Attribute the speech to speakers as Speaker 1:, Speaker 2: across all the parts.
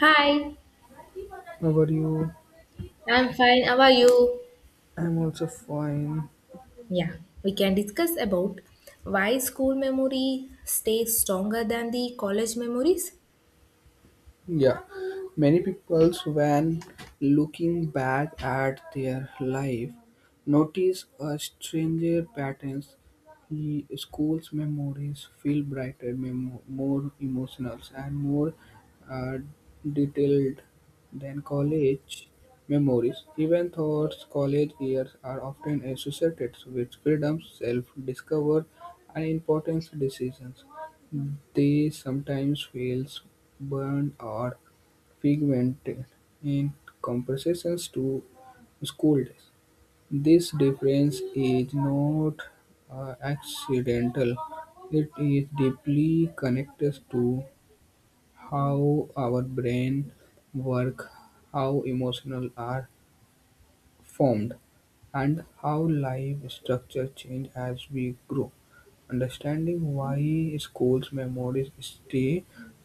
Speaker 1: Hi,
Speaker 2: How are you?
Speaker 1: I'm fine. How are you?
Speaker 2: I'm also fine.
Speaker 1: Yeah, we can discuss about why school memory stays stronger than the college memories.
Speaker 2: Yeah, many people, when looking back at their life, notice a stranger patterns. The school's memories feel brighter, more emotional, and more uh, detailed than college memories. Even though college years are often associated with freedom, self-discovery, and important decisions, they sometimes feels burned or pigmented in comparison to scolds. This difference is not accidental. It is deeply connected to how our brain work, how emotional are formed, and how life structures change as we grow. Understanding why school memories stay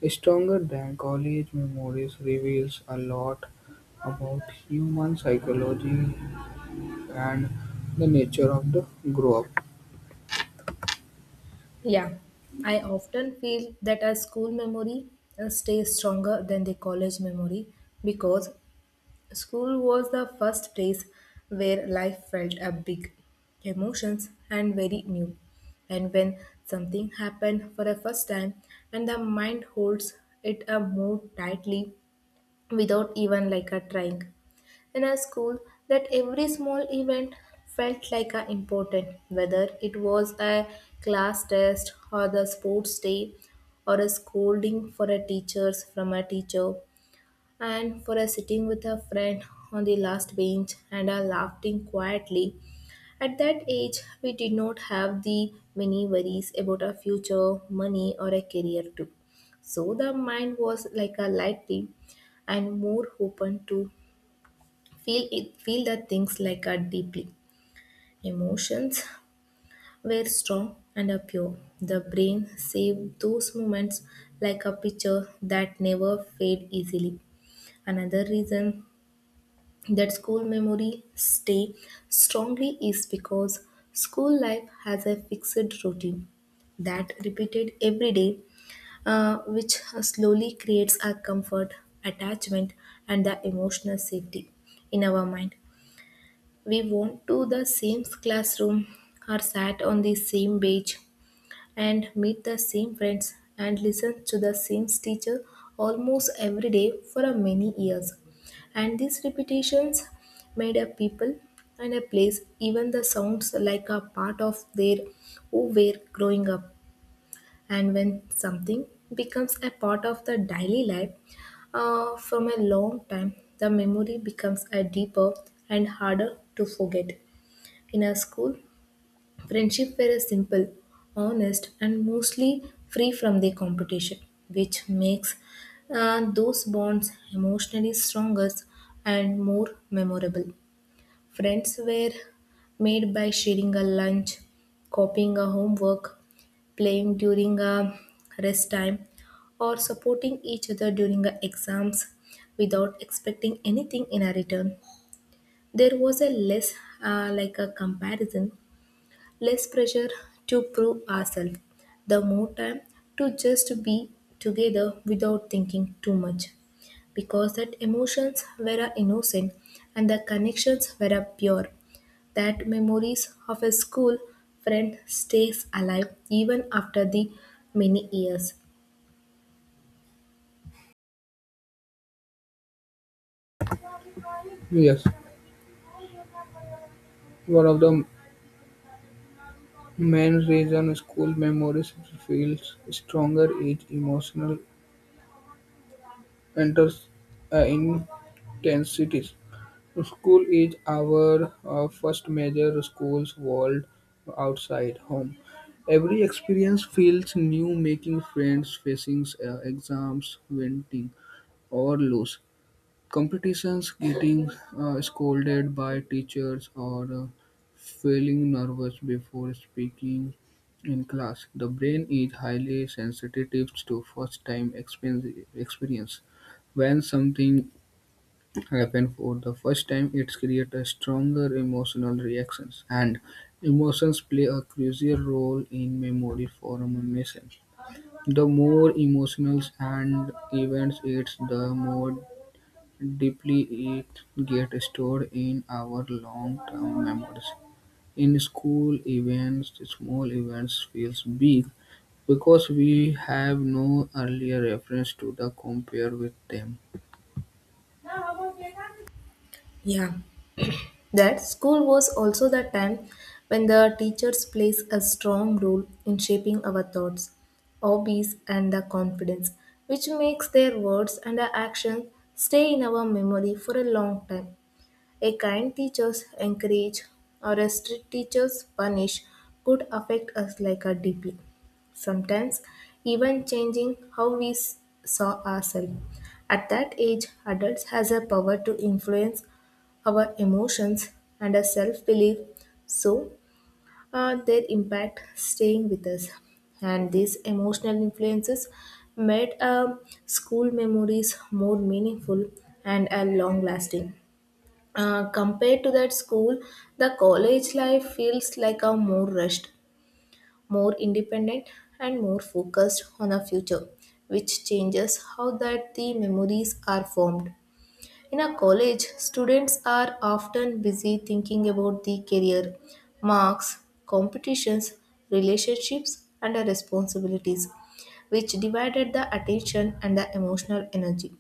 Speaker 2: stronger than college memories reveals a lot about human psychology and the nature of the grow up.
Speaker 1: Yeah, I often feel that our school memory stays stronger than the college memory because school was the first place where life felt a big emotions and very new. And when something happened for the first time and the mind holds it a more tightly without even like a trying. In a school, that every small event felt like a important, whether it was a class test or the sports day or a scolding for a teachers from a teacher and for a sitting with a friend on the last bench and a laughing quietly at that age, we did not have the many worries about our future, money, or a career too. So the mind was like a light beam and more open to feel it, feel the things like a deeply. Emotions were strong and a pure. The brain saved those moments like a picture that never fade easily. Another reason that school memory stay strongly is because school life has a fixed routine that repeated every day which slowly creates a comfort attachment and the emotional safety in our mind. We went to the same classroom or sat on the same bench and meet the same friends and listen to the same teacher almost every day for a many years. And these repetitions made a people and a place, even the sounds like a part of their who were growing up. And when something becomes a part of the daily life from a long time, the memory becomes a deeper and harder to forget. In a school, friendship were simple, honest, and mostly free from the competition, which makes those bonds emotionally stronger and more memorable. Friends were made by sharing a lunch, copying a homework, playing during a rest time, or supporting each other during the exams without expecting anything in a return. There was a less like a comparison, less pressure to prove ourselves, the more time to just be together without thinking too much. Because that emotions were a innocent and the connections were a pure. That memories of a school friend stays alive even after the many years.
Speaker 2: Yes, one of the main reason school memories feels stronger is emotional enters intensities. School is our first major school's world outside home. Every experience feels new, making friends, facing exams, winning or lose competitions, getting scolded by teachers, or feeling nervous before speaking in class. The brain is highly sensitive to first time experience. When something happens for the first time, it creates a stronger emotional reactions, and emotions play a crucial role in memory formation. The more emotional and events, it's the more deeply it gets stored in our long-term memories. In school events, small events feels big because we have no earlier reference to the compare with them.
Speaker 1: Yeah, that school was also the time when the teachers plays a strong role in shaping our thoughts, hobbies, and the confidence, which makes their words and actions stay in our memory for a long time. A kind teachers encourage or a strict teachers punish could affect us like a deeply. Sometimes even changing how we saw ourselves. At that age, adults has a power to influence our emotions and our self-belief. So their impact staying with us. And these emotional influences made school memories more meaningful and long lasting. Compared to that school, the college life feels like a more rushed, more independent, and more focused on a future, which changes how that the memories are formed. In a college, students are often busy thinking about the career, marks, competitions, relationships, and the responsibilities, which divided the attention and the emotional energy.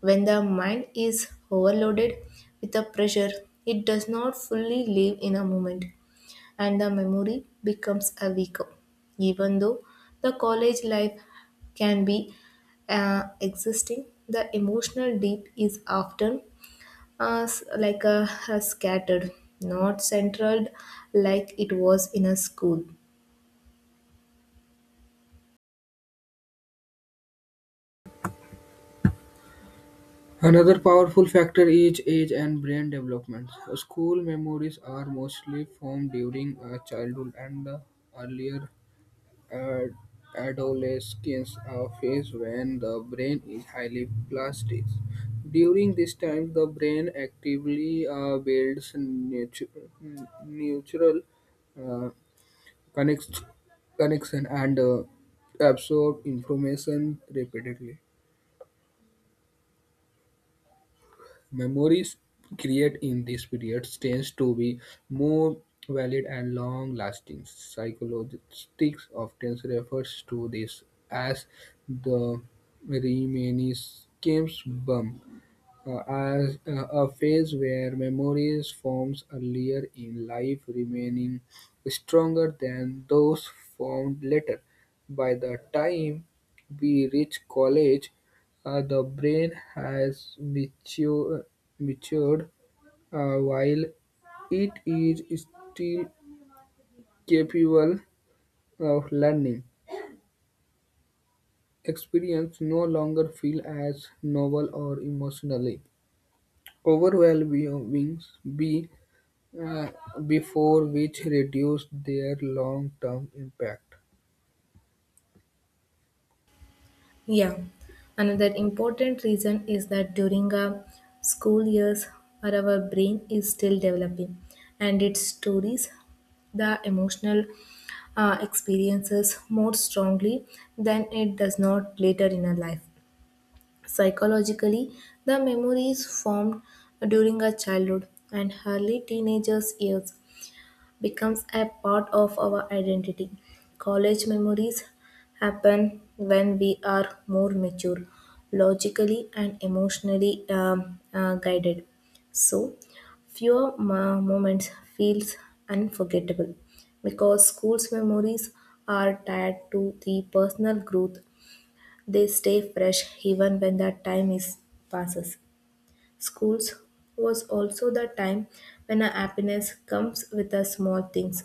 Speaker 1: When the mind is overloaded with a pressure, it does not fully live in a moment and the memory becomes a weaker. Even though the college life can be existing, the emotional deep is often like a scattered, not centered like it was in a school.
Speaker 2: Another powerful factor is age and brain development. School memories are mostly formed during childhood and the earlier Ad- adolescence a phase when the brain is highly plastic. During this time, the brain actively builds natural uh, connects- connection and absorb information repeatedly. Memories created in this period tend to be more valid and long-lasting. Psychologists often refer to this as the reminiscence bump, as a phase where memories forms earlier in life remaining stronger than those formed later. By the time we reach college, the brain has matured while it is still capable of learning. Experience no longer feel as novel or emotionally overwhelming be uh, before which reduce their long-term impact.
Speaker 1: Yeah, another important reason is that during our school years, where our brain is still developing, and its stories, the emotional experiences more strongly than it does not later in our life. Psychologically, the memories formed during our childhood and early teenagers' years becomes a part of our identity. College memories happen when we are more mature, logically and emotionally guided. So, fewer moments feels unforgettable because school's memories are tied to the personal growth. They stay fresh even when that time is passes. Schools was also the time when our happiness comes with the small things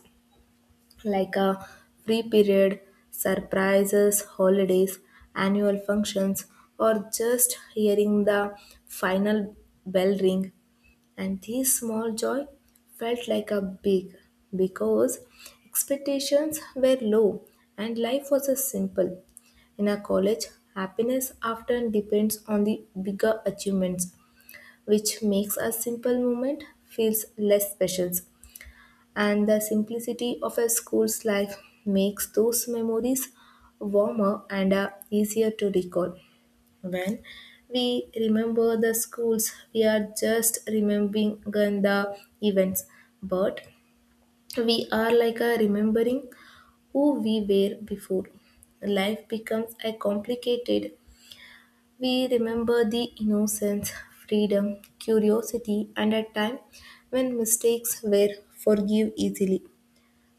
Speaker 1: like a free period, surprises, holidays, annual functions, or just hearing the final bell ring. And this small joy felt like a big because expectations were low and life was a simple. In a college, happiness often depends on the bigger achievements, which makes a simple moment feels less special and the simplicity of a school's life makes those memories warmer and easier to recall. When we remember the schools, we are just remembering the events, but we are like a remembering who we were before. Life becomes a complicated. We remember the innocence, freedom, curiosity, and a time when mistakes were forgive easily.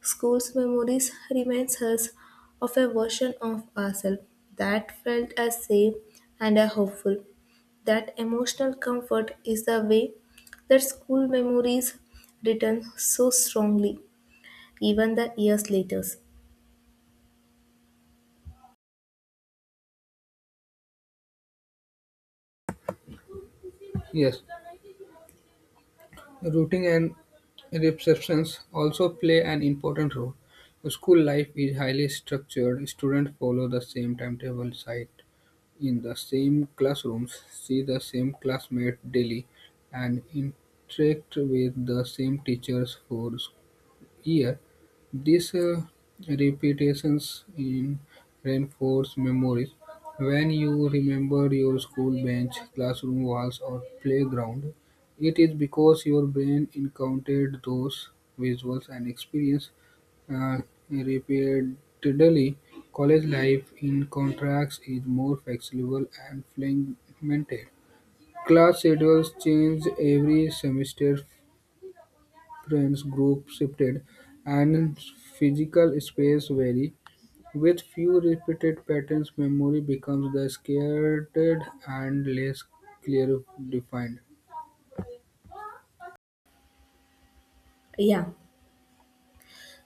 Speaker 1: School's memories reminds us of a version of ourselves that felt as safe and as hopeful. That emotional comfort is the way that school memories return so strongly, even the years later.
Speaker 2: Yes. Routing and receptions also play an important role. School life is highly structured. Students follow the same timetable, sit in the same classrooms, see the same classmates daily, and interact with the same teachers for year. These repetitions in reinforce memories. When you remember your school bench, classroom walls, or playground, it is because your brain encountered those visuals and experience uh, repeatedly. College life, in contrast, is more flexible and fragmented. Class schedules change every semester. Friends group shifted, and physical space varied. With few repeated patterns, memory becomes the scattered and less clear defined.
Speaker 1: Yeah,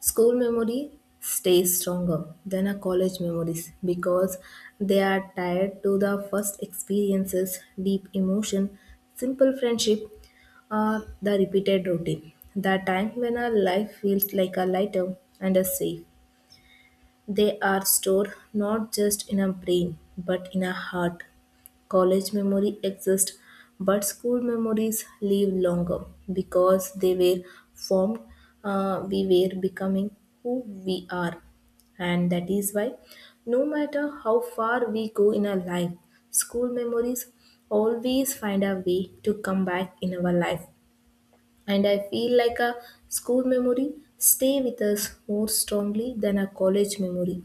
Speaker 1: school memory stays stronger than our college memories because they are tied to the first experiences, deep emotion, simple friendship, the repeated routine. The time when our life feels like a lighter and a safe. They are stored not just in a brain but in a heart. College memory exists, but school memories live longer because they were formed. We were becoming who we are, and that is why, no matter how far we go in our life, school memories always find a way to come back in our life. And I feel like a school memory stay with us more strongly than a college memory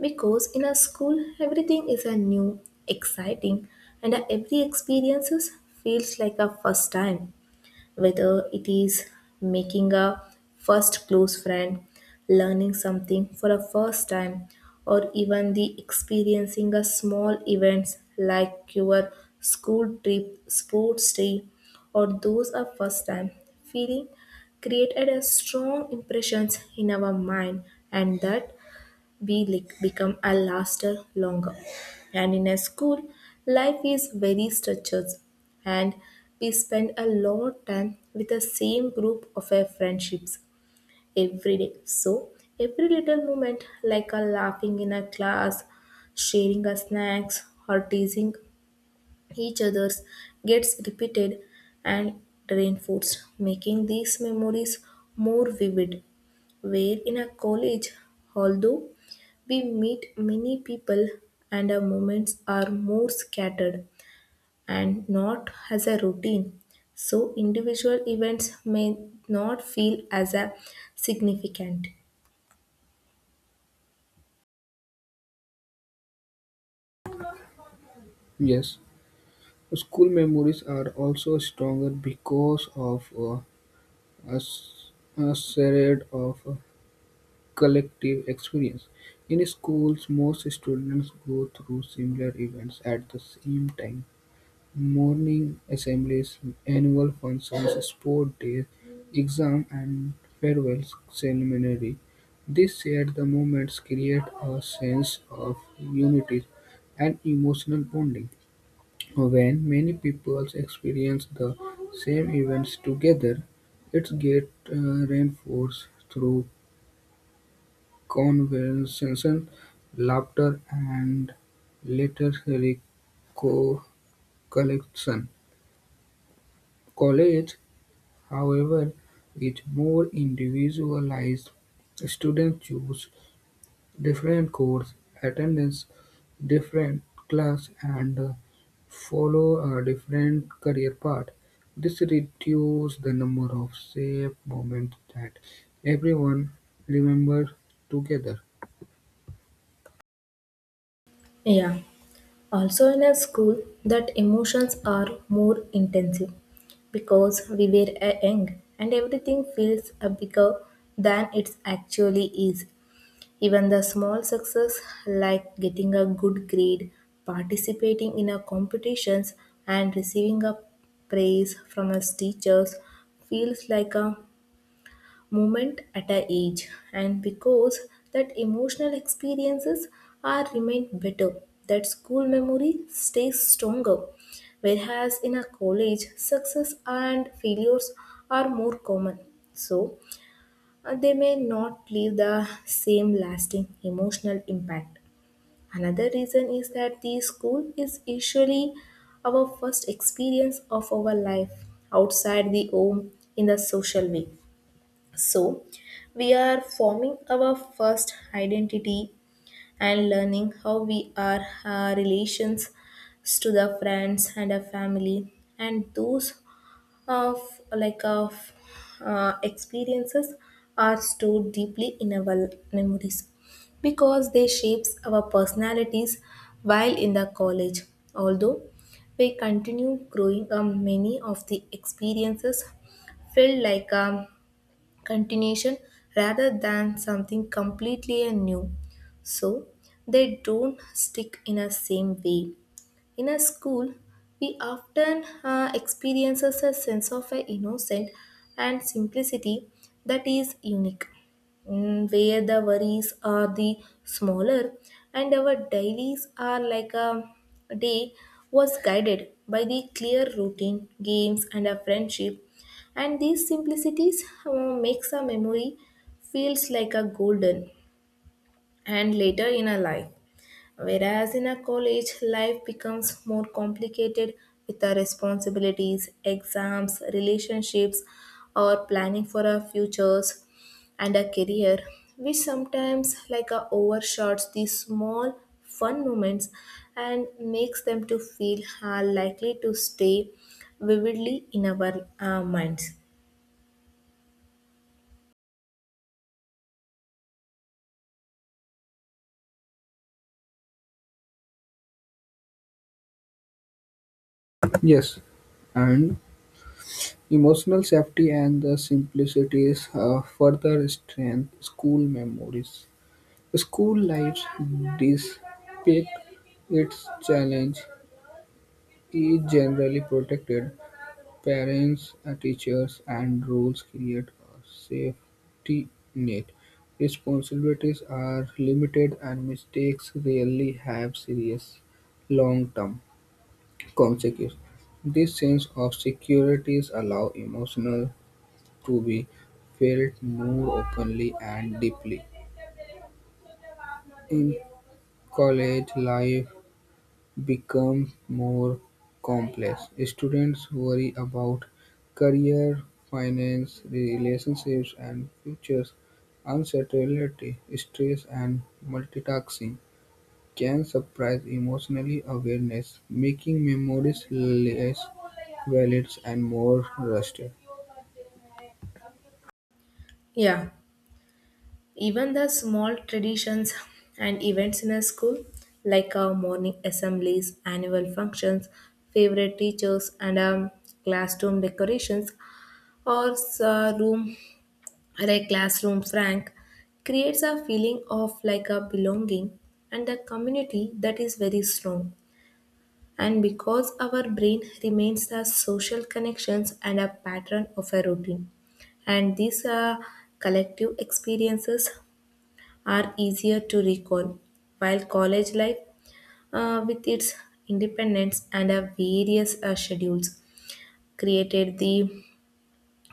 Speaker 1: because in a school everything is a new exciting and every experiences feels like a first time whether it is making a first close friend, learning something for a first time, or even the experiencing a small events like your school trip, sports day, or those are first time feeling created a strong impressions in our mind and that Belic become a laster longer. And in a school, life is very structured and we spend a lot of time with the same group of our friendships every day. So every little moment like a laughing in a class, sharing a snacks or teasing each others gets repeated and reinforced, making these memories more vivid where in a college, although we meet many people and our moments are more scattered and not as a routine. So, individual events may not feel as a significant.
Speaker 2: Yes, school memories are also stronger because of a, s- a shred of collective experience. In schools, most students go through similar events at the same time. Morning assemblies, annual functions, sport days, exams and farewell ceremonies, these shared the moments create a sense of unity and emotional bonding. When many people experience the same events together, it gets reinforced through conversation, laughter, and later recollection. College, however, with more individualized, students choose different course attendance, different class, and follow a different career path. This reduces the number of safe moments that everyone remembers together.
Speaker 1: Yeah. Also, in a school, that emotions are more intensive because we were a young and everything feels a bigger than it actually is. Even the small success, like getting a good grade, participating in a competitions, and receiving a praise from us teachers, feels like a moment at a age. And because that emotional experiences are remain better, that school memory stays stronger. Whereas in a college, success and failures are more common. So they may not leave the same lasting emotional impact. Another reason is that the school is usually our first experience of our life outside the home in the social way. So, we are forming our first identity and learning how we are our relations to the friends and our family and those of like of experiences are stored deeply in our memories because they shapes our personalities while in the college although we continue growing many of the experiences feel like a continuation rather than something completely new so they don't stick in a same way in a school, we often experiences a sense of a innocence and simplicity that is unique, where the worries are the smaller and our dailies are like a day was guided by the clear routine, games and a friendship. And these simplicities makes a memory feels like a golden and later in a life. Whereas in a college, life becomes more complicated with our responsibilities, exams, relationships, or planning for our futures and our career. We sometimes like overshots these small fun moments and makes them to feel are likely to stay vividly in our minds.
Speaker 2: Yes, and emotional safety and the simplicities further strengthen school memories. School life, despite its challenges, is generally protected; parents, teachers, and rules create a safety net. Responsibilities are limited, and mistakes rarely have serious long-term consequences. This sense of security allows emotional to be felt more openly and deeply. In college, life becomes more complex. Students worry about career, finance, relationships, and futures. Uncertainty, stress, and multitasking can suppress emotional awareness, making memories less valid and more rusted.
Speaker 1: Yeah. Even the small traditions and events in a school, like our morning assemblies, annual functions, favorite teachers, and classroom decorations, or room like classroom rank, creates a feeling of like a belonging and a community that is very strong. And because our brain remains the social connections and a pattern of a routine, and these collective experiences are easier to recall, while college life, with its independence and various schedules, created the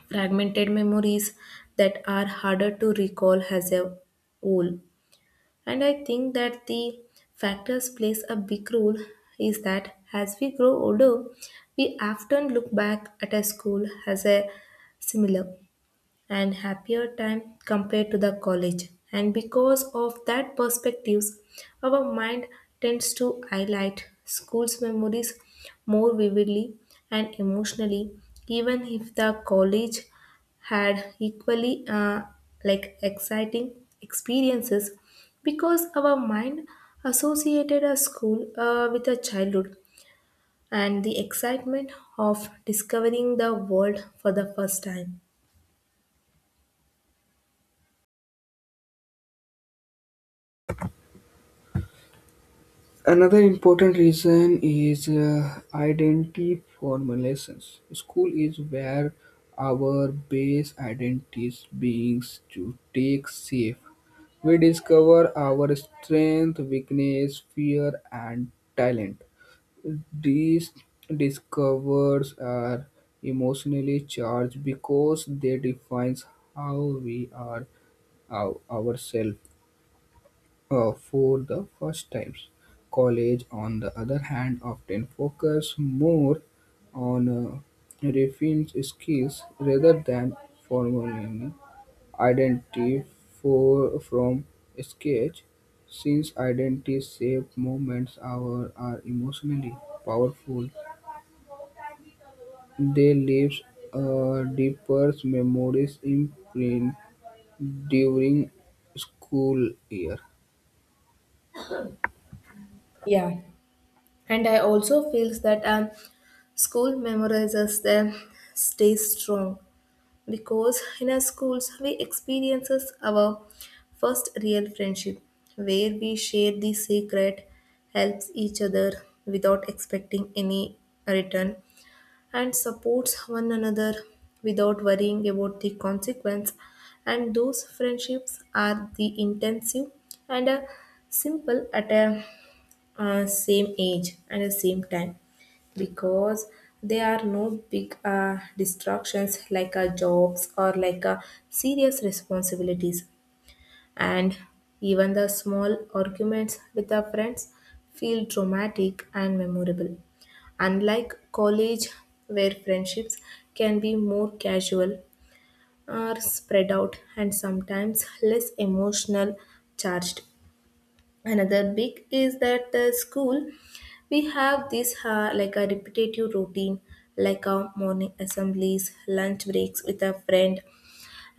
Speaker 1: fragmented memories that are harder to recall as a whole. And I think that the factors plays a big role is that as we grow older, we often look back at a school as a similar and happier time compared to the college. And because of that perspectives, our mind tends to highlight school's memories more vividly and emotionally, even if the college had equally like exciting experiences because our mind associated a school with a childhood and the excitement of discovering the world for the first time.
Speaker 2: Another important reason is identity formulations. School is where our base identities beings to take shape. We discover our strength, weakness, fear, and talent. These discovers are emotionally charged because they defines how we are our, ourselves for the first times. College, on the other hand, often focus more on refined skills rather than formally identity for, from sketch, since identity shaped moments are emotionally powerful. They leave deeper memories imprint during school year.
Speaker 1: Yeah, and I also feels that school memorizes them stay strong because in our schools we experiences our first real friendship where we share the secret helps each other without expecting any return and supports one another without worrying about the consequence, and those friendships are the intensive and simple at a same age and the same time because there are no big distractions like jobs or like serious responsibilities, and even the small arguments with our friends feel dramatic and memorable, unlike college where friendships can be more casual or spread out and sometimes less emotional charged. Another big is that the school we have this like a repetitive routine, like a morning assemblies, lunch breaks with a friend,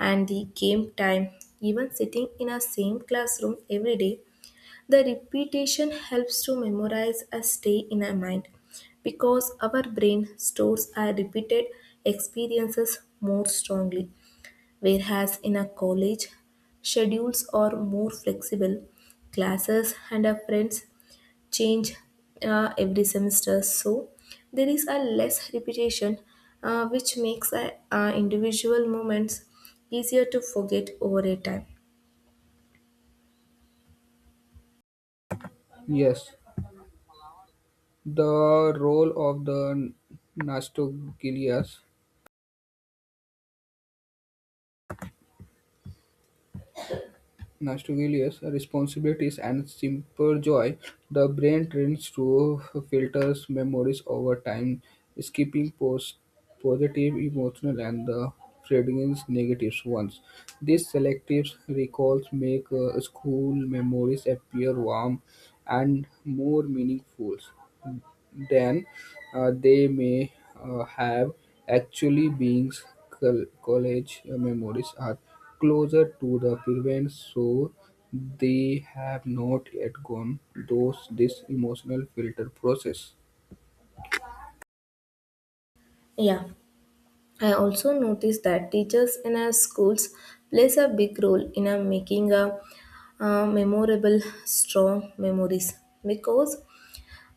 Speaker 1: and the game time, even sitting in a same classroom every day. The repetition helps to memorize and stay in our mind because our brain stores our repeated experiences more strongly. Whereas in a college, schedules are more flexible, classes and our friends change every semester, so there is a less repetition, which makes individual moments easier to forget over a time.
Speaker 2: Yes, the role of the Nastogalias, Nastogalias responsibilities and simple joy. The brain trains to filters memories over time, skipping post positive emotional and the fading negative ones. These selective recalls make school memories appear warm and more meaningful than they may have actually been. College memories are closer to the event, so they have not yet gone through this emotional filter process.
Speaker 1: Yeah, I also noticed that teachers in our schools plays a big role in making a memorable, strong memories because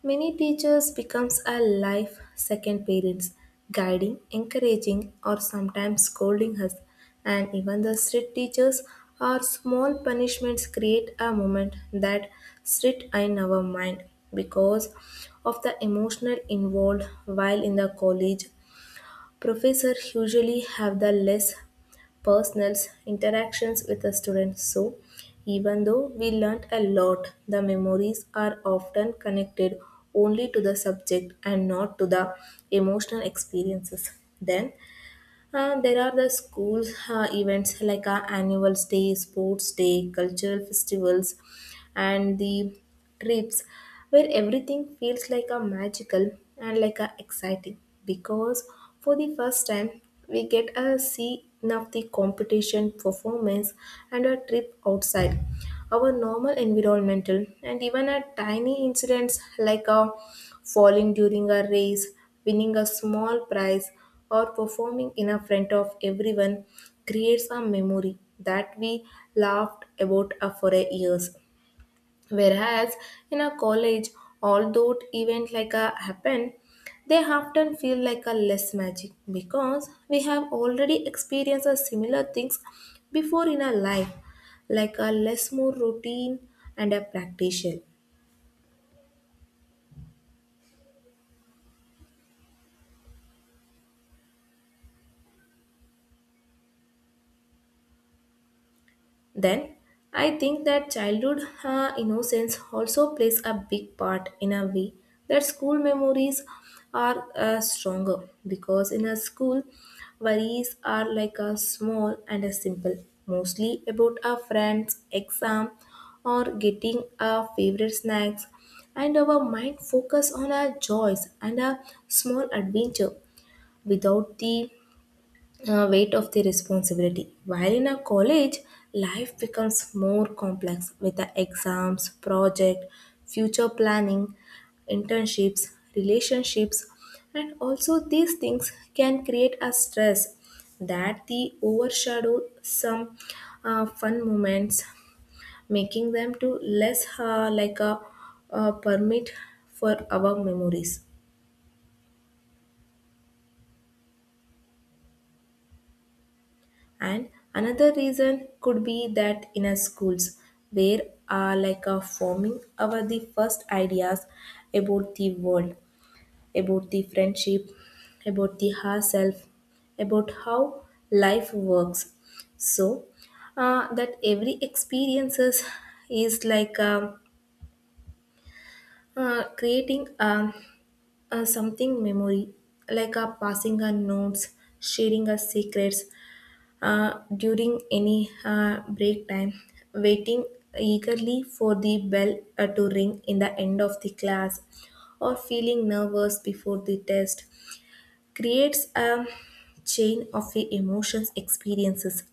Speaker 1: many teachers becomes a life second parents, guiding, encouraging, or sometimes scolding us. And even the strict teachers or small punishments create a moment that sit in our mind because of the emotional involved, while in the college, professors usually have the less personal interactions with the students. So, even though we learned a lot, the memories are often connected only to the subject and not to the emotional experiences. Then, there are the schools events like annual day, sports day, cultural festivals, and the trips where everything feels like a magical and like a exciting because for the first time we get a see of the competition performance and a trip outside our normal environmental, and even a tiny incidents like a falling during a race, winning a small prize, or performing in a front of everyone creates a memory that we laughed about for a years. Whereas in a college, although event like a happen, they often feel like a less magic because we have already experienced a similar things before in our life, like a less more routine and a practical. Then I think that childhood innocence also plays a big part in a way that school memories are stronger because in a school worries are like a small and a simple, mostly about our friends exam or getting our favorite snacks, and our mind focus on our joys and a small adventure without the weight of the responsibility. While in a college, life becomes more complex with the exams, project, future planning, internships, relationships, and also these things can create a stress that the overshadow some fun moments, making them to less a permit for our memories. And another reason could be that in our schools where are like a forming our the first ideas about the world, about the friendship, about the herself, about how life works. So that every experiences is like creating something memory, like a passing our notes, sharing our secrets during any break time, waiting eagerly for the bell to ring in the end of the class, or feeling nervous before the test creates a chain of the emotions experiences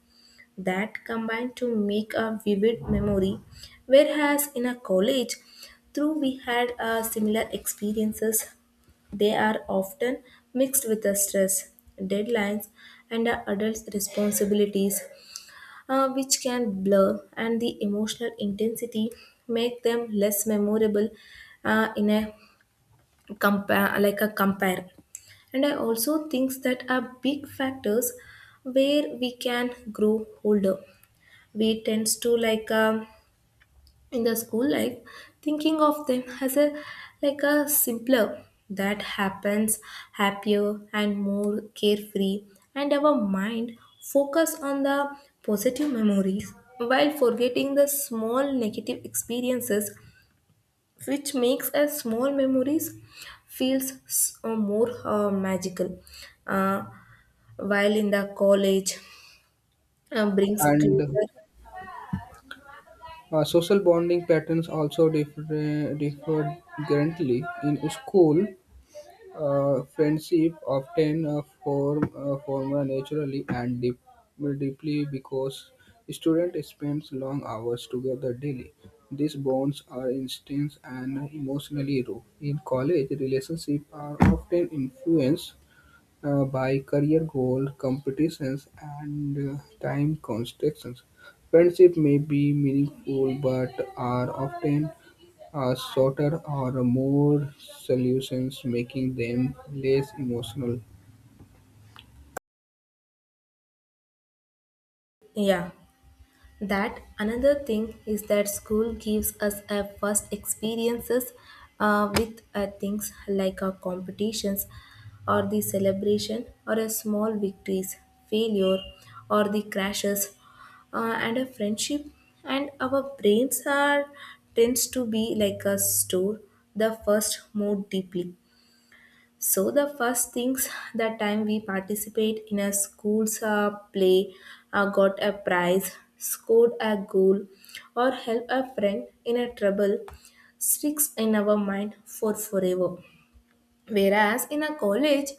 Speaker 1: that combine to make a vivid memory. Whereas in a college, though we had similar experiences, they are often mixed with the stress, deadlines, and the adults' responsibilities, which can blur, and the emotional intensity make them less memorable in a compare like a compare. And I also think that are big factors where we can grow older. We tends to like in the school life thinking of them as a like a simpler that happens happier and more carefree, and our mind focus on the positive memories while forgetting the small negative experiences, which makes a small memories feels more magical, uh, while in the college brings
Speaker 2: And
Speaker 1: closer.
Speaker 2: social bonding patterns also differ differently in school. Friendship often form naturally and deeply because student spends long hours together daily. These bonds are instant and emotionally raw. In college, relationships are often influenced by career goals, competitions, and time constraints. Friendship may be meaningful but are often shorter or more solutions, making them less emotional.
Speaker 1: Yeah, that another thing is that school gives us a first experiences with things like our competitions or the celebration or a small victories, failure, or the crashes and a friendship, and our brains are tends to be like a store the first more deeply. So the first things the time we participate in a school's play, got a prize, scored a goal, or help a friend in a trouble sticks in our mind for forever. Whereas in a college,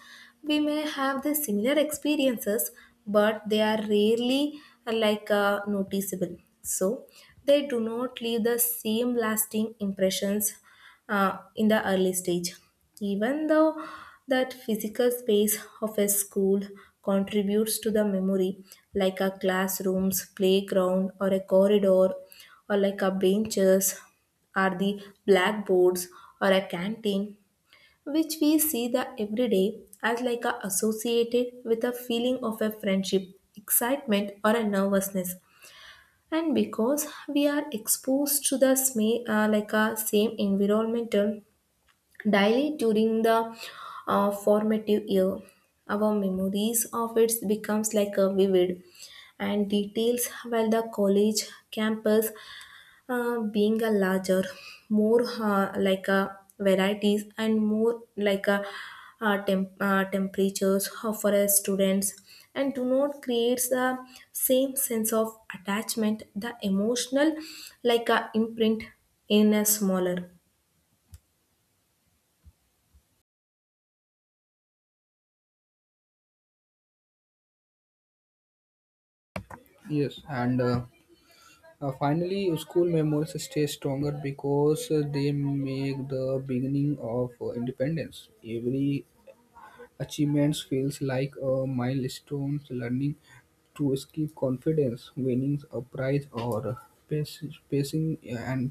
Speaker 1: we may have the similar experiences, but they are rarely noticeable. So they do not leave the same lasting impressions in the early stage. Even though that physical space of a school contributes to the memory, like a classroom's playground or a corridor or like a benches or the blackboards or a canteen, which we see the everyday as like a associated with a feeling of a friendship, excitement or a nervousness, and because we are exposed to the same like a same environmental daily during the formative year, our memories of it becomes like a vivid and details, while the college campus being a larger, more like a varieties and more like a temperatures for a students, and do not creates the same sense of attachment, the emotional like a imprint in a smaller.
Speaker 2: Yes, and finally, school memories stay stronger because they make the beginning of independence. Every achievements feels like a milestone. Learning to ski confidence, winning a prize, or passing an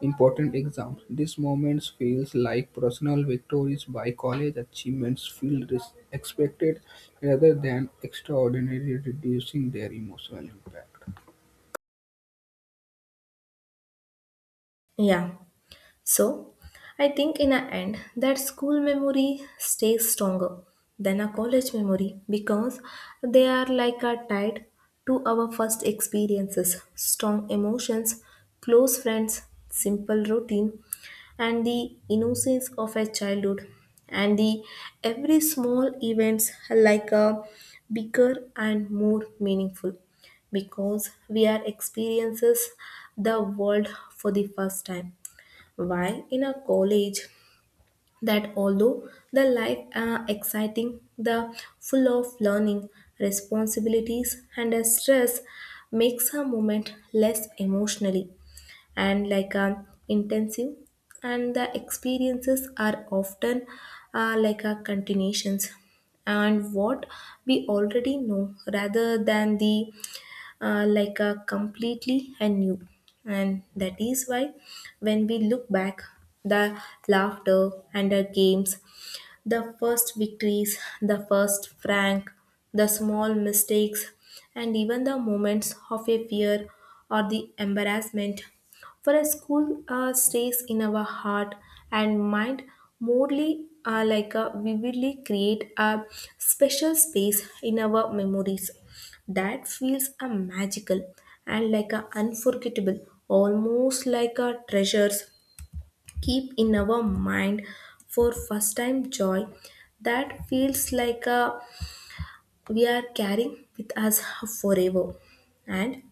Speaker 2: important exam. These moments feels like personal victories by college achievements feel expected rather than extraordinary, reducing their emotional impact.
Speaker 1: Yeah. So, I think in the end that school memory stays stronger than a college memory because they are like a tied to our first experiences, strong emotions, close friends, simple routine, and the innocence of a childhood, and the every small events like a bigger and more meaningful because we are experiences the world for the first time, while in a college that although the life are exciting, the full of learning responsibilities and a stress makes a moment less emotionally and like a intensive, and the experiences are often like a continuations and what we already know rather than the like a completely anew. And that is why when we look back, the laughter and the games, the first victories, the first frank, the small mistakes, and even the moments of a fear or the embarrassment. For a school stays in our heart and mind morely like a vividly, create a special space in our memories that feels a magical and like a unforgettable, almost like a treasures keep in our mind for first time joy that feels like a, we are carrying with us forever. And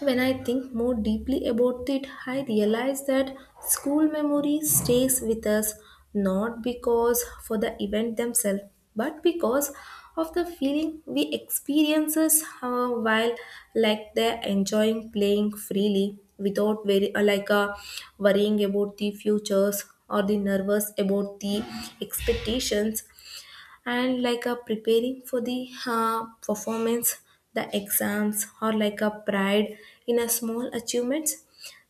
Speaker 1: when I think more deeply about it, I realize that school memory stays with us not because for the event themselves, but because of the feeling we experiences while like they're enjoying playing freely without very worrying about the futures or the nervous about the expectations and like a preparing for the performance, the exams, or like a pride in a small achievements.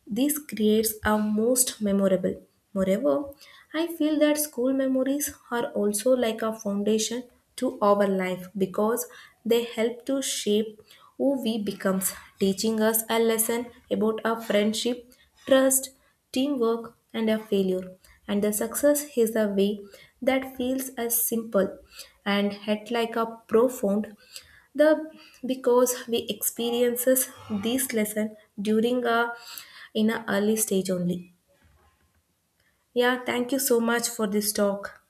Speaker 1: These creates are most memorable. Moreover, I feel that school memories are also like a foundation to our life because they help to shape who we becomes, teaching us a lesson about our friendship, trust, teamwork, and a failure. And the success is a way that feels as simple and yet like a profound the because we experiences this lesson during a in a early stage only. Yeah, thank you so much for this talk.